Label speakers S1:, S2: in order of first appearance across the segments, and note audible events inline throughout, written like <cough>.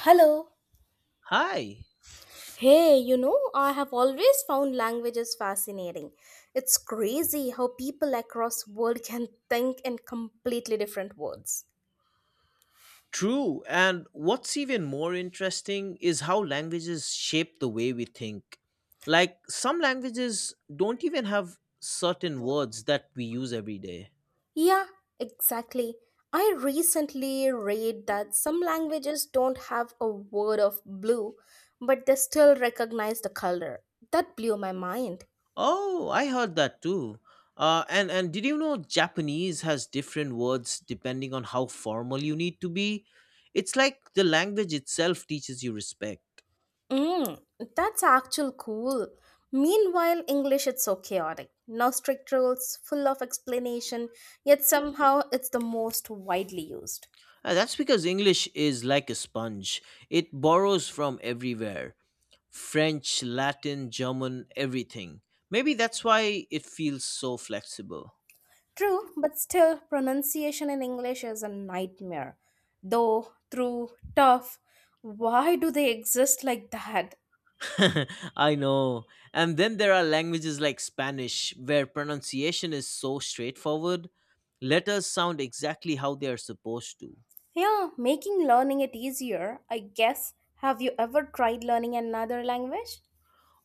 S1: Hello.
S2: Hi.
S1: Hey, I have always found languages fascinating. It's crazy how people across world can think in completely different words.
S2: True. And what's even more interesting is how languages shape the way we think. Like, some languages don't even have certain words that we use every day.
S1: Yeah, exactly. I recently read that some languages don't have a word of blue, but they still recognize the color. That blew my mind.
S2: Oh, I heard that too. And did you know Japanese has different words depending on how formal you need to be? It's like the language itself teaches you respect.
S1: Mm, that's actual cool. Meanwhile, English it's so chaotic. No strict rules, full of explanation, yet somehow it's the most widely used.
S2: That's because English is like a sponge, it borrows from everywhere. French, Latin, German, everything. Maybe that's why it feels so flexible.
S1: True, but still pronunciation in English is a nightmare. Though, through, tough. Why do they exist like that?
S2: <laughs> I know. And then there are languages like Spanish, where pronunciation is so straightforward. Letters sound exactly how they are supposed to.
S1: Yeah, making learning it easier, I guess. Have you ever tried learning another language?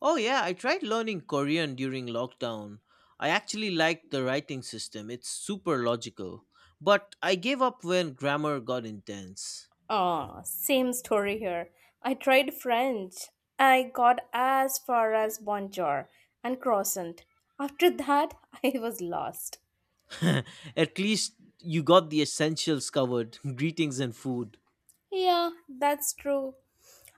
S2: Oh, yeah, I tried learning Korean during lockdown. I actually liked the writing system, it's super logical. But I gave up when grammar got intense.
S1: Ah, same story here. I tried French. I got as far as bonjour and croissant. After that, <laughs> I was lost.
S2: <laughs> At least you got the essentials covered <laughs> greetings and food.
S1: Yeah, that's true.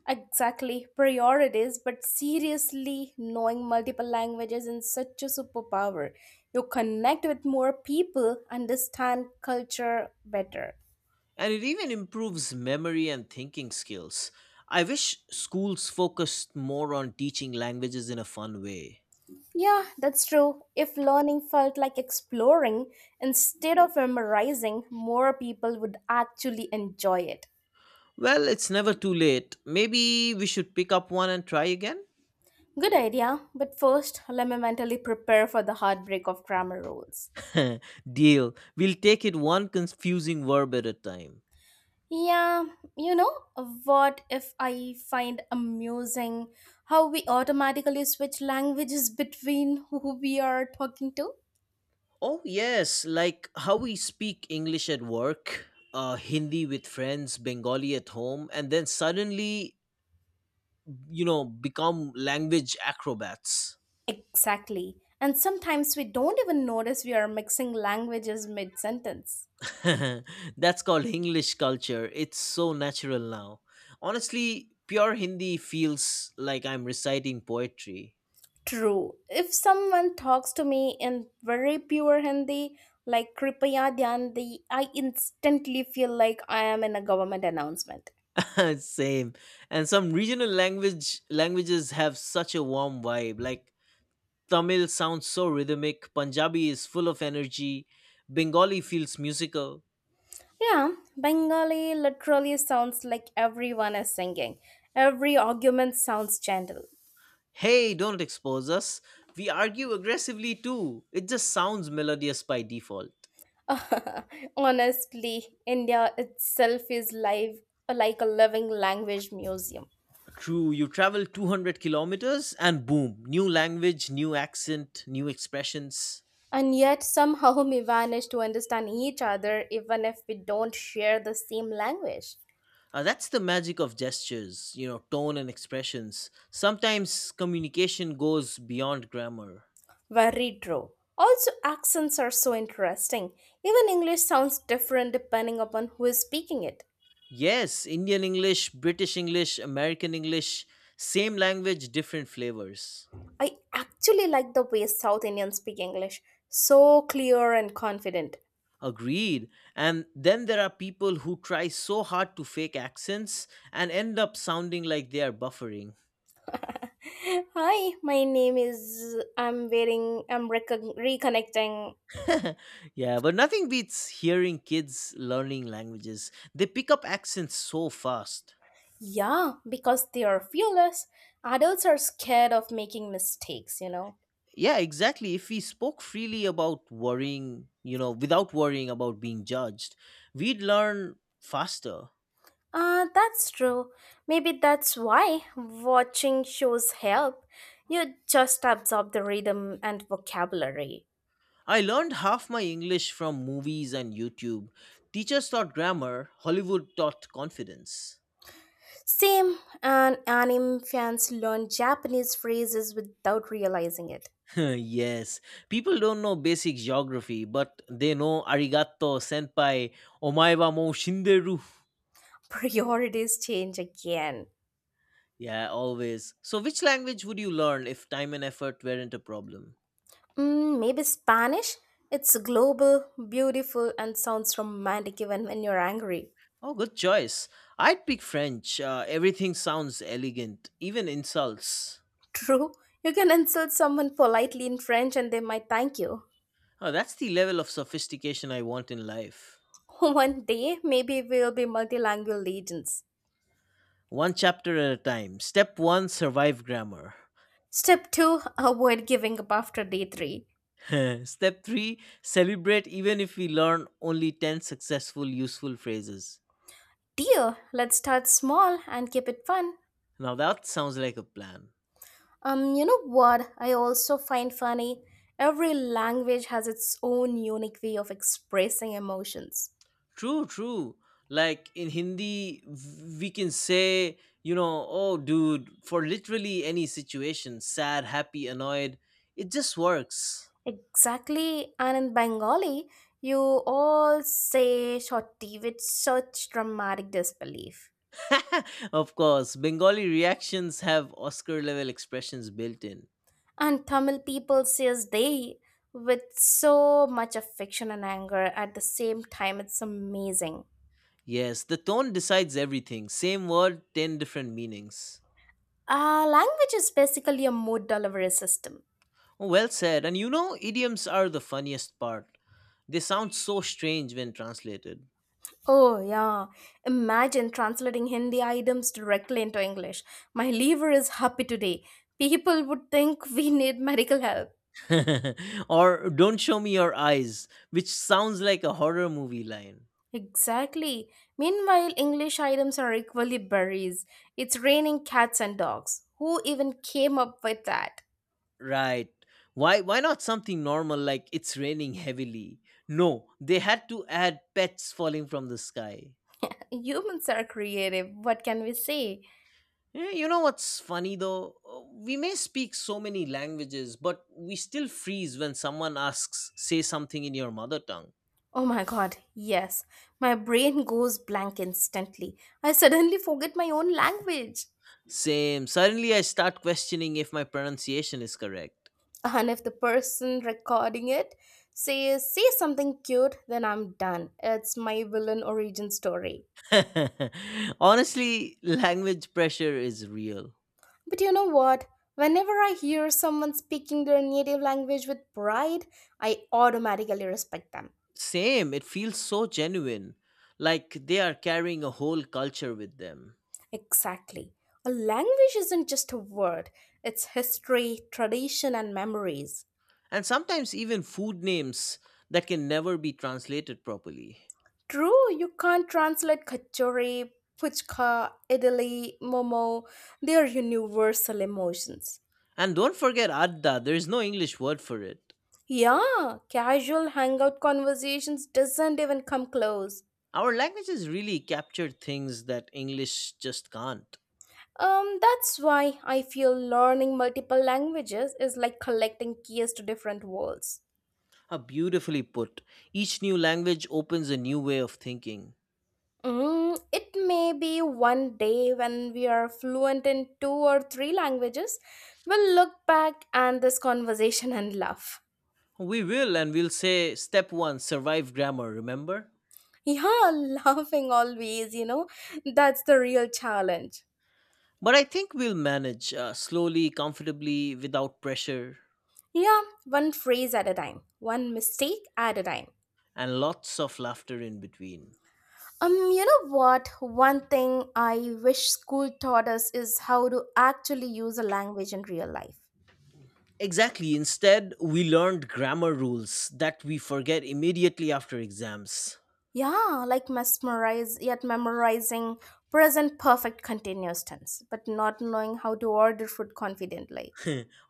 S1: Exactly. Priorities, but seriously, knowing multiple languages is such a superpower. You connect with more people, understand culture better.
S2: And it even improves memory and thinking skills. I wish schools focused more on teaching languages in a fun way.
S1: Yeah, that's true. If learning felt like exploring instead of memorizing, more people would actually enjoy it.
S2: Well, it's never too late. Maybe we should pick up one and try again?
S1: Good idea, but first, let me mentally prepare for the heartbreak of grammar rules.
S2: <laughs> Deal. We'll take it one confusing verb at a time.
S1: Yeah, you know, what if I find amusing how we automatically switch languages between who we are talking to?
S2: Oh, yes, like how we speak English at work, Hindi with friends, Bengali at home, and then suddenly become language acrobats.
S1: Exactly. And sometimes we don't even notice we are mixing languages mid sentence.
S2: <laughs> That's called English culture, it's so natural now. Honestly, pure Hindi feels like I'm reciting poetry.
S1: True. If someone talks to me in very pure Hindi, like Kripaya Dhyandi, I instantly feel like I am in a government announcement.
S2: <laughs> Same. And some regional languages have such a warm vibe, like Tamil sounds so rhythmic, Punjabi is full of energy, Bengali feels musical.
S1: Yeah, Bengali literally sounds like everyone is singing. Every argument sounds gentle.
S2: Hey, don't expose us. We argue aggressively too, it just sounds melodious by default.
S1: <laughs> Honestly, India itself is live like a living language museum.
S2: True, you travel 200 kilometers and boom, new language, new accent, new expressions.
S1: And yet somehow we manage to understand each other even if we don't share the same language.
S2: That's the magic of gestures, tone and expressions. Sometimes communication goes beyond grammar.
S1: Very true. Also, accents are so interesting. Even English sounds different depending upon who is speaking it.
S2: Yes, Indian English, British English, American English, same language, different flavors.
S1: I actually like the way South Indians speak English. So clear and confident.
S2: Agreed. And then there are people who try so hard to fake accents and end up sounding like they are buffering.
S1: <laughs> Hi, my name is. I'm wearing. I'm reconnecting.
S2: <laughs> Yeah, but nothing beats hearing kids learning languages. They pick up accents so fast.
S1: Yeah, because they are fearless. Adults are scared of making mistakes.
S2: Yeah, exactly. If we spoke freely about worrying, without worrying about being judged, we'd learn faster.
S1: Ah, that's true. Maybe that's why watching shows help. You just absorb the rhythm and vocabulary.
S2: I learned half my English from movies and YouTube. Teachers taught grammar, Hollywood taught confidence.
S1: Same, and anime fans learn Japanese phrases without realizing it.
S2: <laughs> Yes, people don't know basic geography, but they know arigato senpai, omaiwa mo shinderu.
S1: <laughs> Priorities change again.
S2: Yeah, always. So, which language would you learn if time and effort weren't a problem?
S1: Maybe Spanish? It's global, beautiful, and sounds romantic even when you're angry.
S2: Oh, good choice. I'd pick French. Everything sounds elegant, even insults.
S1: <laughs> True, you can insult someone politely in French and they might thank you.
S2: Oh, that's the level of sophistication I want in life.
S1: <laughs> One day, maybe we'll be multilingual legends.
S2: One chapter at a time. Step one survive grammar.
S1: Step 2. Avoid giving up after day 3.
S2: <laughs> Step three celebrate even if we learn only 10 successful, useful phrases.
S1: Dear, let's start small and keep it fun.
S2: Now, that sounds like a plan.
S1: You know what? I also find funny. Every language has its own unique way of expressing emotions.
S2: True, true. Like in Hindi, we can say, oh, dude, for literally any situation, sad, happy, annoyed, it just works.
S1: Exactly, and in Bengali, you all say shorty with such dramatic disbelief.
S2: <laughs> Of course, Bengali reactions have Oscar level expressions built in.
S1: And Tamil people says they with so much affection and anger at the same time. It's amazing.
S2: Yes, the tone decides everything. Same word, 10 different meanings.
S1: Language is basically a mood delivery system.
S2: Oh, well said. And idioms are the funniest part. They sound so strange when translated.
S1: Oh, yeah. Imagine translating Hindi items directly into English. My liver is happy today. People would think we need medical help.
S2: <laughs> Or don't show me your eyes, which sounds like a horror movie line.
S1: Exactly. Meanwhile, English items are equally berries. It's raining cats and dogs. Who even came up with that?
S2: Right. Why not something normal like it's raining heavily? No, they had to add pets falling from the sky.
S1: Humans are creative. What can we say?
S2: Eh, you know what's funny though? We may speak so many languages, but we still freeze when someone asks, say something in your mother tongue.
S1: Oh my god, yes. My brain goes blank instantly. I suddenly forget my own language.
S2: Same. Suddenly I start questioning if my pronunciation is correct.
S1: And if the person recording it says, say something cute, then I'm done. It's my villain origin story.
S2: <laughs> Honestly, language pressure is real.
S1: But you know what? Whenever I hear someone speaking their native language with pride, I automatically respect them.
S2: Same, it feels so genuine, like they are carrying a whole culture with them.
S1: Exactly. A language isn't just a word, it's history, tradition, and memories.
S2: And sometimes even food names that can never be translated properly.
S1: True, you can't translate kachori, puchka, idli, momo. They are universal emotions.
S2: And don't forget adda, there is no English word for it.
S1: Yeah, casual hangout conversations doesn't even come close.
S2: Our languages really capture things that English just can't.
S1: That's why I feel learning multiple languages is like collecting keys to different worlds.
S2: How beautifully put. Each new language opens a new way of thinking.
S1: It may be one day when we are fluent in two or three languages, we'll look back and this conversation and laugh.
S2: We will, and we'll say step one survive grammar, remember?
S1: Yeah, <laughs> laughing always, that's the real challenge.
S2: But I think we'll manage slowly, comfortably, without pressure.
S1: Yeah, one phrase at a time, one mistake at a time.
S2: And lots of laughter in between.
S1: You know what? One thing I wish school taught us is how to actually use a language in real life.
S2: Exactly, instead, we learned grammar rules that we forget immediately after exams.
S1: Yeah, like mesmerize yet memorizing present perfect continuous tense, but not knowing how to order food confidently.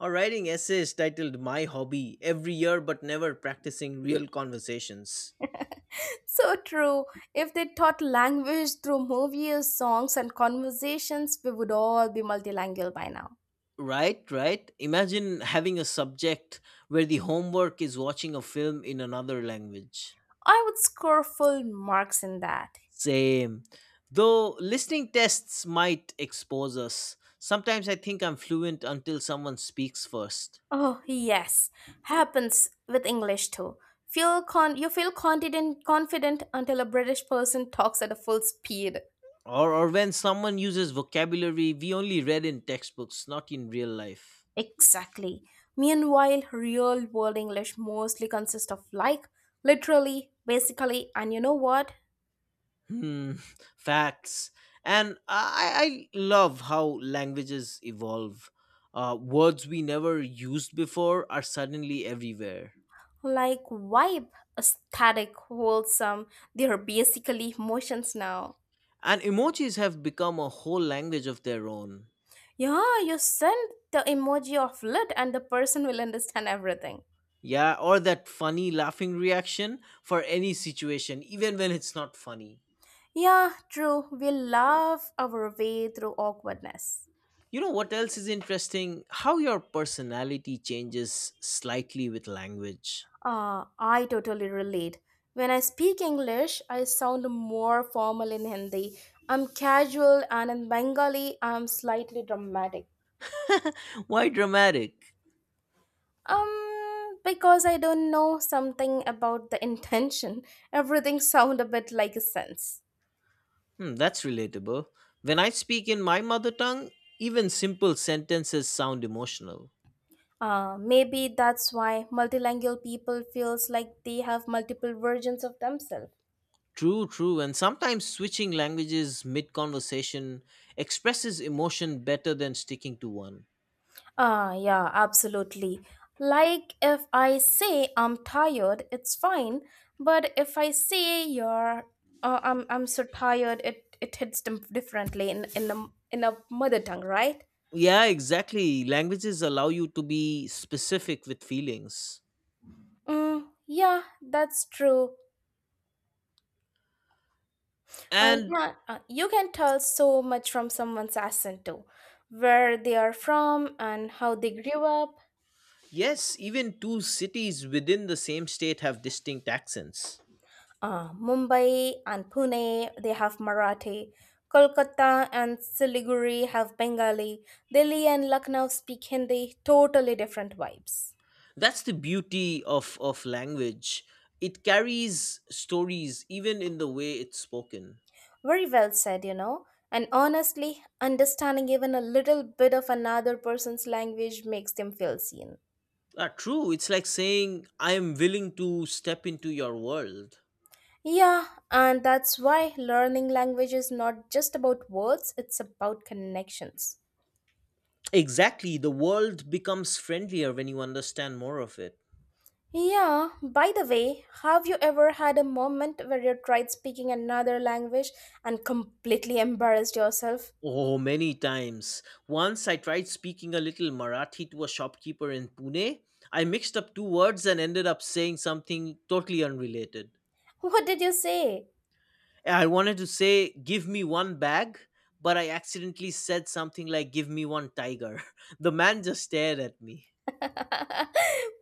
S2: Or writing essays titled My Hobby every year but never practicing real conversations.
S1: <laughs> So true. If they taught language through movies, songs, and conversations, we would all be multilingual by now.
S2: Right, right. Imagine having a subject where the homework is watching a film in another language.
S1: I would score full marks in that.
S2: Same. Though listening tests might expose us. Sometimes I think I'm fluent until someone speaks first.
S1: Oh yes, happens with English too. You feel confident until a British person talks at a full speed.
S2: Or when someone uses vocabulary we only read in textbooks, not in real life.
S1: Exactly. Meanwhile, real world English mostly consists of like, literally, basically, and you know what?
S2: Hmm. <laughs> Facts. And I love how languages evolve. Words we never used before are suddenly everywhere.
S1: Like vibe, aesthetic, wholesome. They are basically emotions now.
S2: And emojis have become a whole language of their own.
S1: Yeah, you send the emoji of lit and the person will understand everything.
S2: Yeah, or that funny laughing reaction for any situation, even when it's not funny.
S1: Yeah, true. We love our way through awkwardness.
S2: You know what else is interesting? How your personality changes slightly with language.
S1: Ah, I totally relate. When I speak English, I sound more formal in Hindi. I'm casual, and in Bengali, I'm slightly dramatic.
S2: Why dramatic?
S1: Because I don't know something about the <laughs> intention. Everything sound a bit like a sense.
S2: Hmm, that's relatable. When I speak in my mother tongue, even simple sentences sound emotional.
S1: Maybe that's why multilingual people feels like they have multiple versions of themselves.
S2: True, true, and sometimes switching languages mid conversation expresses emotion better than sticking to one.
S1: Ah, yeah, absolutely. Like if I say I'm tired, it's fine, but if I say you're I'm so tired, it hits them differently in a mother tongue, right?
S2: Yeah, exactly. Languages allow you to be specific with feelings.
S1: Mm, yeah, that's true. Uh,
S2: And
S1: yeah, uh, you can tell so much from someone's accent too, where they are from and how they grew up.
S2: yes, even two cities within the same state have distinct accents.
S1: Mumbai and Pune, they have Marathi. Kolkata and Siliguri have Bengali. Delhi and Lucknow speak Hindi, totally different vibes.
S2: That's the beauty of language. It carries stories even in the way it's spoken.
S1: Very well said. And honestly, understanding even a little bit of another person's language makes them feel seen.
S2: True, it's like saying I am willing to step into your world.
S1: Yeah, and that's why learning language is not just about words, it's about connections.
S2: Exactly, the world becomes friendlier when you understand more of it.
S1: Yeah, by the way, have you ever had a moment where you tried speaking another language and completely embarrassed yourself?
S2: Oh, many times. Once I tried speaking a little Marathi to a shopkeeper in Pune. I mixed up two words and ended up saying something totally unrelated.
S1: <laughs> What did you say?
S2: I wanted to say, give me one bag, but I accidentally said something like, give me one tiger. <laughs> The man just stared at me.
S1: <laughs>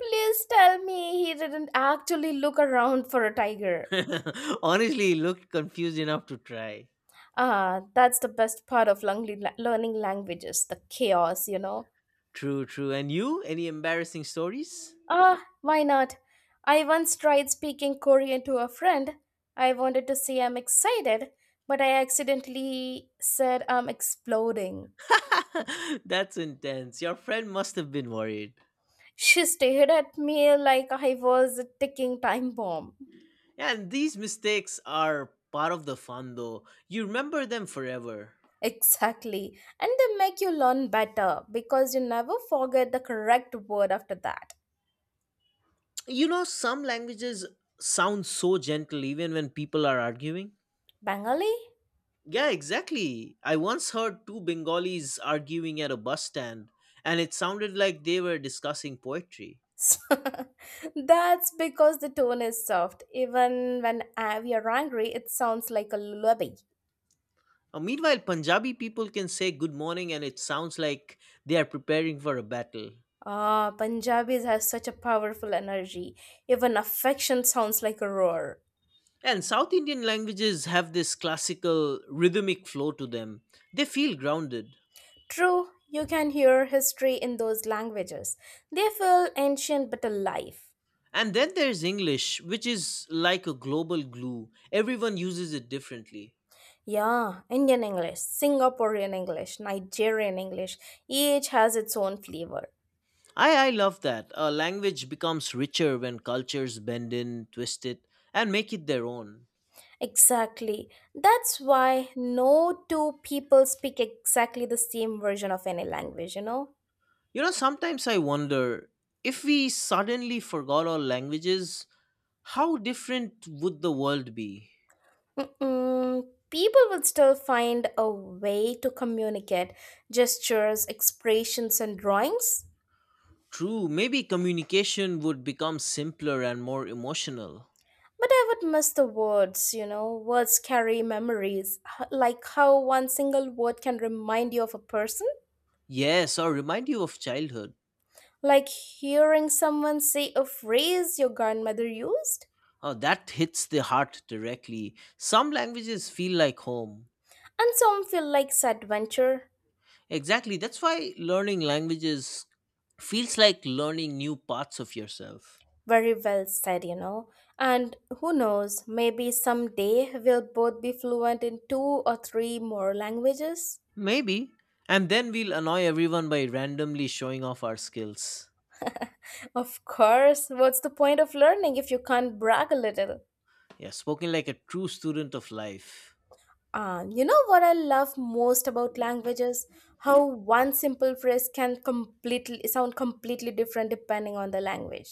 S1: Please tell me he didn't actually look around for a tiger.
S2: <laughs> Honestly, he looked confused enough to try.
S1: Ah, that's the best part of learning languages, the chaos.
S2: True, true. And you? Any embarrassing stories?
S1: Ah, why not? I once tried speaking Korean to a friend. I wanted to say I'm excited, but I accidentally said I'm exploding.
S2: <laughs> That's intense. Your friend must have been worried.
S1: She stared at me like I was a ticking time bomb.
S2: And these mistakes are part of the fun, though. You remember them forever.
S1: Exactly. And they make you learn better because you never forget the correct word after that.
S2: You know, some languages sound so gentle even when people are arguing.
S1: Bengali?
S2: Yeah, exactly. I once heard two Bengalis arguing at a bus stand, and it sounded like they were discussing poetry.
S1: <laughs> That's because the tone is soft. Even when we are angry, it sounds like a lullaby.
S2: Meanwhile, Punjabi people can say good morning, and it sounds like they are preparing for a battle.
S1: Ah, Punjabis have such a powerful energy. Even affection sounds like a roar.
S2: And South Indian languages have this classical rhythmic flow to them, they feel grounded.
S1: True, you can hear history in those languages. They feel ancient but alive.
S2: And then there's English, which is like a global glue, everyone uses it differently.
S1: Yeah, Indian English, Singaporean English, Nigerian English, each has its own flavor.
S2: I love that. A language becomes richer when cultures bend in, twist it, and make it their own.
S1: Exactly. That's why no two people speak exactly the same version of any language, you know?
S2: You know, sometimes I wonder if we suddenly forgot all languages, how different would the world be?
S1: Mm-mm. People will still find a way to communicate gestures, expressions, and drawings.
S2: True, maybe communication would become simpler and more emotional.
S1: But I would miss the words. Words carry memories, like how one single word can remind you of a person,
S2: Yes, or remind you of childhood.
S1: like hearing someone say a phrase your grandmother used.
S2: Oh, that hits the heart directly. Some languages feel like home.
S1: And some feel like adventure.
S2: Exactly. That's why learning languages feels like learning new parts of yourself.
S1: Very well said. And who knows, maybe someday we'll both be fluent in two or three more languages.
S2: Maybe. And then we'll annoy everyone by randomly showing off our skills.
S1: Of course, what's the point of learning if you can't brag a little?
S2: Yeah, spoken like a true student of life.
S1: You know what I love most about languages? How one simple phrase can completely sound completely different depending on the language.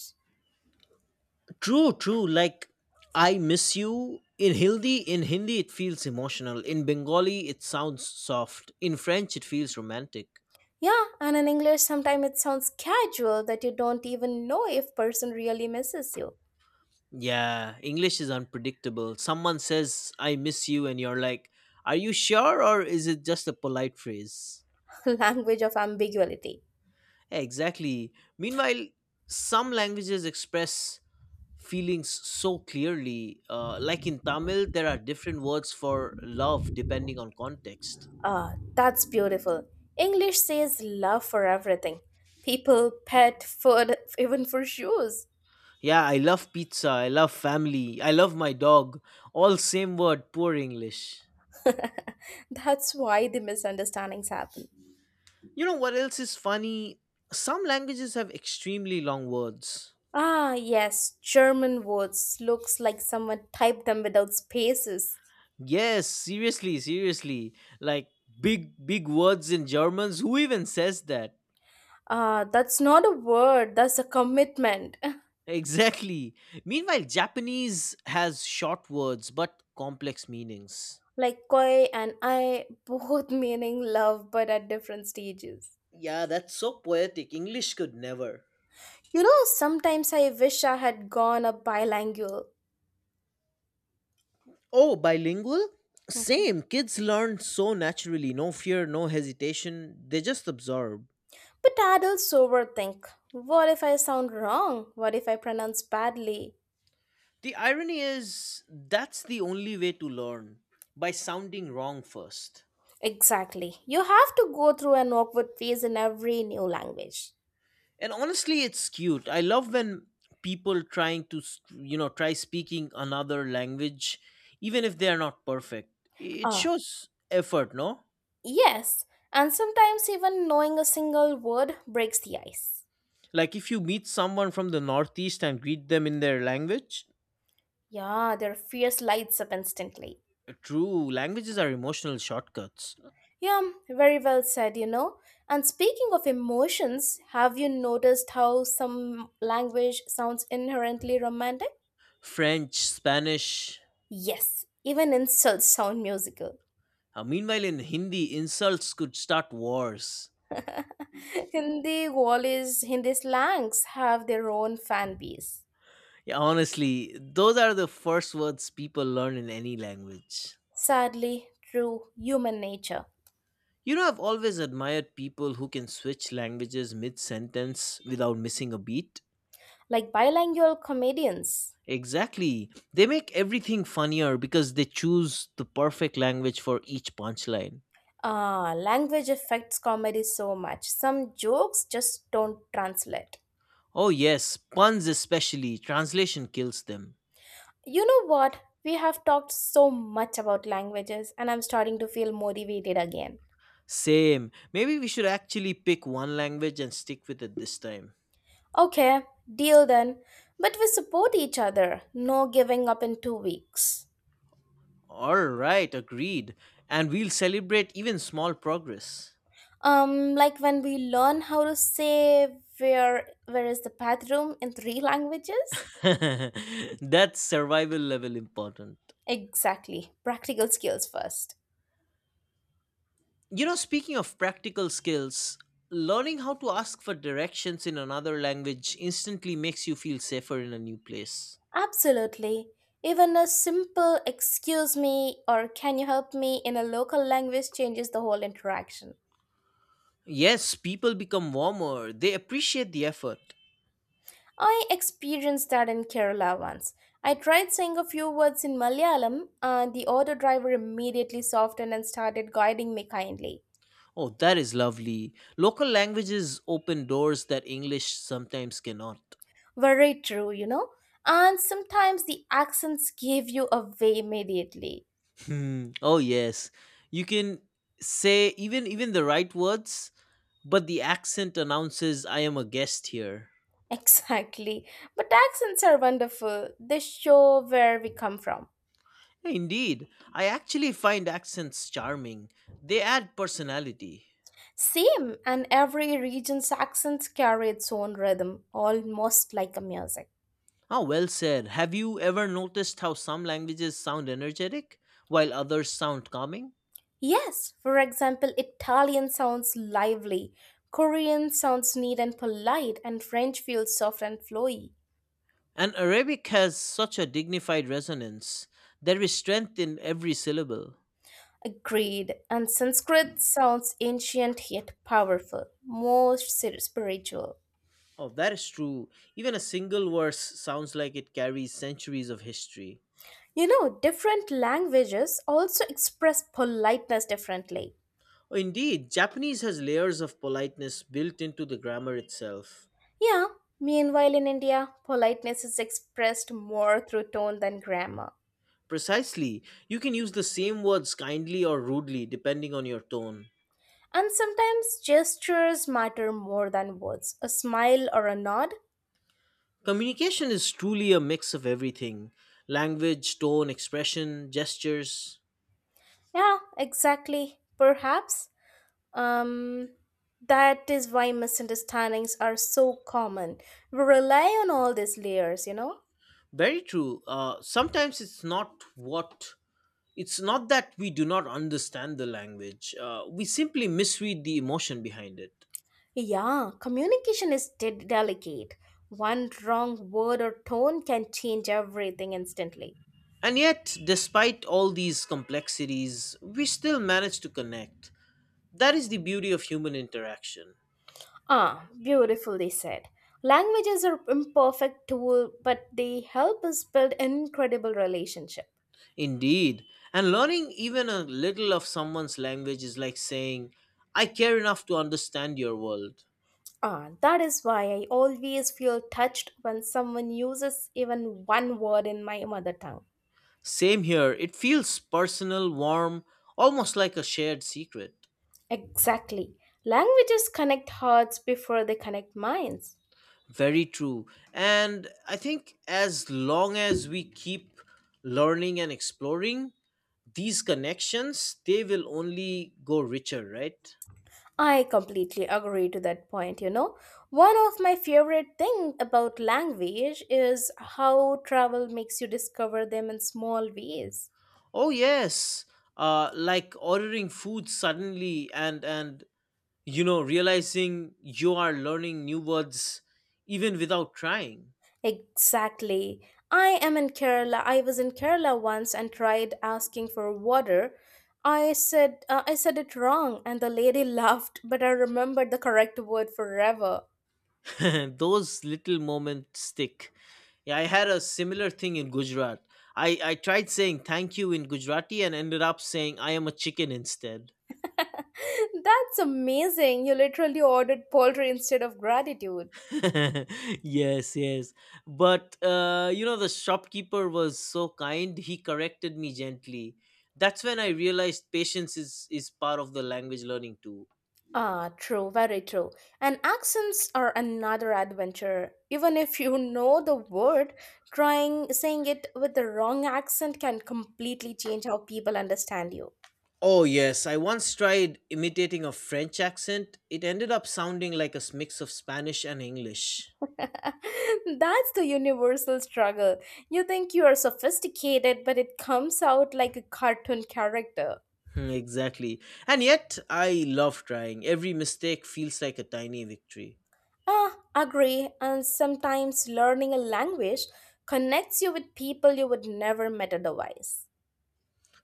S2: True, true. Like, I miss you. In Hindi, it feels emotional. In Bengali, it sounds soft. In French, it feels romantic.
S1: Yeah, and in English, sometimes it sounds casual that you don't even know if person really misses you.
S2: Yeah, English is unpredictable. Someone says, I miss you, and you're like, are you sure? Or is it just a polite phrase?
S1: <laughs> Language of ambiguity.
S2: Yeah, exactly. Meanwhile, some languages express feelings so clearly. Like in Tamil, there are different words for love depending on context.
S1: Ah, that's beautiful. English says love for everything. People, pet, food, <laughs> even for shoes.
S2: Yeah, I love pizza, I love family, I love my dog. All same word, poor English.
S1: <laughs> That's why the misunderstandings happen.
S2: You know what else is funny? Some languages have extremely long words.
S1: Ah, yes, German words looks like someone typed them without spaces.
S2: Yes, seriously, seriously. Like big, big words in Germans. Who even says that?
S1: Ah, that's not a word, that's a commitment. <laughs>
S2: Exactly. Meanwhile, Japanese has short words but complex meanings.
S1: Like koi and I both <laughs> meaning love but at different stages.
S2: Yeah, that's so poetic. English could never.
S1: Sometimes I wish I had gone a bilingual.
S2: Oh, bilingual?
S1: Mhm.
S2: Same. Kids learn so naturally. No fear, no hesitation. They just absorb.
S1: But adults overthink. What if I sound wrong? What if I pronounce badly?
S2: The irony is, that's the only way to learn by sounding wrong first.
S1: Exactly. You have to go through an awkward phase in every new language.
S2: And honestly, it's cute. I love when people trying to try speaking another language, even if they are not perfect. It
S1: Ah,
S2: shows effort, no?
S1: yes. And sometimes even knowing a single word breaks the ice.
S2: Like if you meet someone from the Northeast and greet them in their language.
S1: Yeah, their fears lights up instantly.
S2: True, languages are emotional shortcuts.
S1: Yeah, very well said. And speaking of emotions, have you noticed how some language sounds inherently romantic?
S2: French, Spanish.
S1: Yes, even insults sound musical.
S2: Meanwhile, in Hindi, insults could start wars.
S1: <laughs> Hindi Wallis, Hindi slangs have their own fan base.
S2: Yeah, honestly, those are the first words people learn in any language.
S1: Sadly, true human nature.
S2: You know, I've always admired people who can switch languages mid sentence without missing a beat.
S1: Like bilingual comedians.
S2: Exactly. They make everything funnier because they choose the perfect language for each punchline.
S1: Ah, language affects comedy so much. Some jokes just don't translate.
S2: Oh, yes, puns especially. Translation kills them.
S1: You know what? We have talked so much about languages, and I'm starting to feel motivated again.
S2: Same. Maybe we should actually pick one language and stick with it this time.
S1: Okay, deal then. But we support each other. No giving up in 2 weeks.
S2: Alright, agreed. And we'll celebrate even small progress.
S1: Like when we learn how to say where is the bathroom in three languages?
S2: <laughs> That's survival level important.
S1: Exactly. Practical skills first.
S2: You know, speaking of practical skills, learning how to ask for directions in another language instantly makes you feel safer in a new place.
S1: Absolutely. Even a simple excuse me or can you help me in a local language changes the whole interaction.
S2: Yes, people become warmer, they appreciate the effort.
S1: I experienced that in Kerala once. I tried saying a few words in Malayalam, and the auto driver immediately softened and started guiding me kindly.
S2: Oh, that is lovely. Local languages open doors that English sometimes cannot.
S1: Very true, you know? And sometimes the accents give you away immediately. <laughs>
S2: Hmm. Oh, yes. You can say even the right words, but the accent announces I am a guest here.
S1: Exactly. But accents are wonderful. They show where we come from.
S2: Yeah, indeed, I actually find accents charming. They add personality.
S1: Same, and every region's accents carry its own rhythm, almost like a music.
S2: Ah, well said. Have you ever noticed how some languages sound energetic while others sound calming?
S1: Yes, for example, Italian sounds lively, Korean sounds neat and polite, and French feels soft and flowy.
S2: And Arabic has such a dignified resonance. There is strength in every syllable.
S1: Agreed. And Sanskrit sounds ancient yet powerful, spiritual.
S2: Oh, that is true. Even a single verse sounds like it carries centuries of history.
S1: You know, different languages also express politeness differently.
S2: Oh, indeed, Japanese has layers of politeness built into the grammar itself.
S1: Yeah, meanwhile in India, politeness is expressed more through tone than grammar.
S2: Precisely. You can use the same words kindly or rudely depending on your tone.
S1: And sometimes gestures matter more than words. A smile or a nod.
S2: Communication is truly a mix of everything: language, tone, expression, gestures.
S1: Yeah, exactly. Perhaps um, that is why misunderstandings are so common. We rely on all these layers, you know?
S2: Very true. Sometimes it's not what. It's not that we do not understand the language, we simply misread the emotion behind it.
S1: Yeah, communication is delicate. One wrong word or tone can change everything instantly.
S2: And yet, despite all these complexities, we still manage to connect. That is the beauty of human interaction.
S1: Ah, beautifully said. Languages are imperfect tool, but they help us build incredible relationships.
S2: Indeed. And learning even a little of someone's language is like saying, I care enough to understand your world.
S1: Ah, that is why I always feel touched when someone uses even one word in my mother tongue.
S2: Same here, it feels personal, warm, almost like a shared secret.
S1: Exactly. Languages connect hearts before they connect minds.
S2: Very true. And I think as long as we keep learning and exploring these connections, they will only go richer, right?
S1: I completely agree to that point, you know. One of my favorite thing about language is how travel makes you discover them in small ways.
S2: Oh, yes. Like ordering food suddenly, and realizing you are learning new words even without trying.
S1: Exactly. I am in Kerala. I was in Kerala once and tried asking for water. I said it wrong and the lady <laughs> laughed, but I remembered the correct word forever.
S2: <laughs> Those little moments stick. Yeah, I had a similar thing in Gujarat. I tried saying thank you in Gujarati and ended up saying I am a chicken instead.
S1: <laughs> That's amazing. You literally ordered poultry instead of gratitude.
S2: <laughs> Yes, yes. But the shopkeeper was so kind, he corrected me gently. That's when I realized patience is part of the language learning too.
S1: Ah, true, very true. And accents are another adventure. Even if you know the word, trying saying it with the wrong accent can completely change how people understand you.
S2: Oh, yes. I once tried imitating a French accent. It ended up sounding like a mix of Spanish and English.
S1: <laughs> That's the universal struggle. You think you are sophisticated, but it comes out like a cartoon character.
S2: Hmm, exactly. And yet, I love trying. Every mistake feels like a tiny victory.
S1: Ah, agree. And sometimes learning a language connects you with people you would never met otherwise.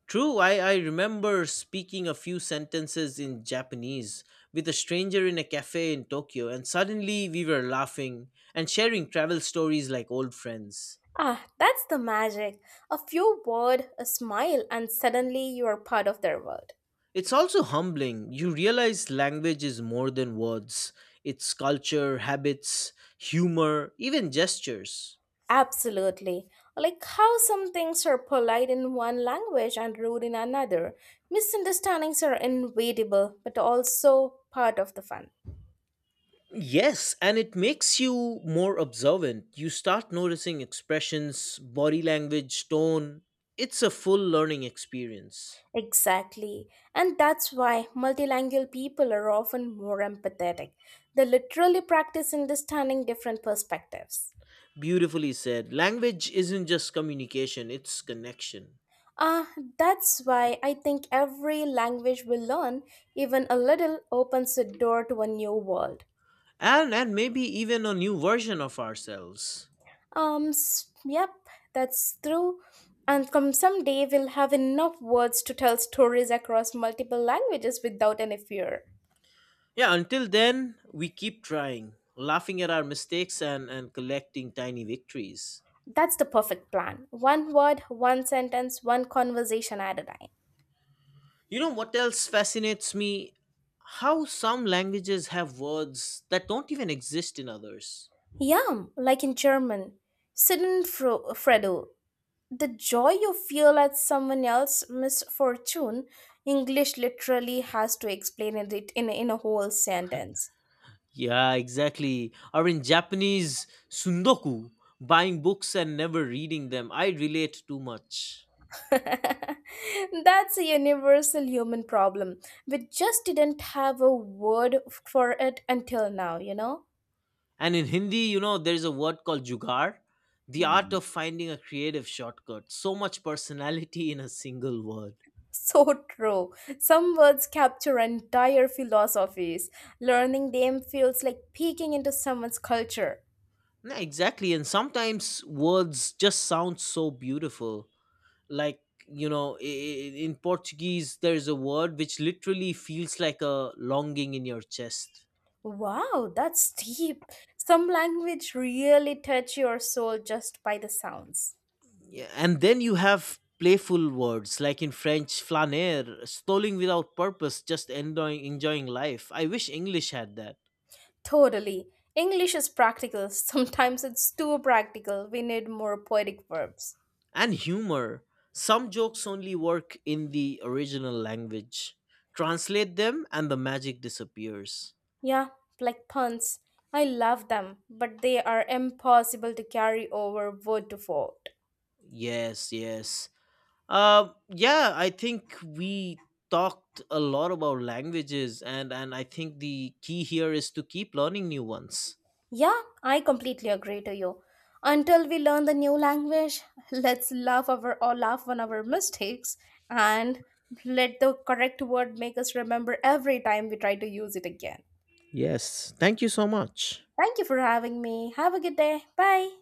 S2: True, I remember speaking a few sentences in Japanese with a stranger in a cafe in Tokyo, and suddenly we were laughing and sharing travel stories like old friends.
S1: Ah, that's the magic. A few words, a smile, and suddenly you are part of their world.
S2: It's also humbling. You realize language is more than words, it's culture, habits, humor, even gestures.
S1: Absolutely. Like how some things are polite in one language and rude in another. Misunderstandings are inevitable, but also part of the fun.
S2: Yes, and it makes you more observant. You start noticing expressions, body language, tone. It's a full learning experience.
S1: Exactly. And that's why multilingual people are often more empathetic. They literally practice understanding different perspectives.
S2: Beautifully said. Language isn't just communication, it's connection.
S1: Ah, that's why I think every language we learn, even a little, opens a door to a new world.
S2: And maybe even a new version of ourselves.
S1: Yep, that's true. And come someday we'll have enough words to tell stories across multiple languages without any fear.
S2: Yeah, until then, we keep trying, laughing at our mistakes and collecting tiny victories.
S1: That's the perfect plan. One word, one sentence, one conversation at a time.
S2: You know what else fascinates me? How some languages have words that don't even exist in others.
S1: Yeah, like in German. Fredo, the joy you feel at someone else's misfortune, English literally has to explain it in a whole sentence.
S2: Yeah, exactly. Or in Japanese, sundoku, buying books and never reading them. I relate too much.
S1: <laughs> That's a universal human problem. We just didn't have a word for it until now, you know?
S2: And in Hindi, you know, there's a word called jugaad, the art
S1: Hmm.
S2: of finding a creative shortcut. So much personality in a single word.
S1: So true. Some words capture entire philosophies. Learning them feels like peeking into someone's culture.
S2: Yeah, exactly. And sometimes words just sound so beautiful. Like, you know, in Portuguese, there's a word which literally feels like a longing in your chest.
S1: Wow, that's deep. Some language really touch your soul just by the sounds.
S2: Yeah, and then you have playful words like in French, flaner, strolling without purpose, just enjoying life. I wish English had that.
S1: Totally. English is practical. <laughs> Sometimes it's too practical. We need more poetic verbs.
S2: And humor. Some jokes only work in the original language. Translate them, and the magic disappears.
S1: Yeah, like puns. I love them, but they are impossible to carry over word to word.
S2: Yes, yes. Yeah, I think we talked a lot about languages, and I think the key here is to keep learning new ones.
S1: Yeah, I completely agree to you. Until we learn the new language, <laughs> let's laugh over or laugh on our mistakes and let the correct word make us remember every time we try to use it again.
S2: Yes, thank you so much.
S1: Thank you for having me. Have a good day. Bye.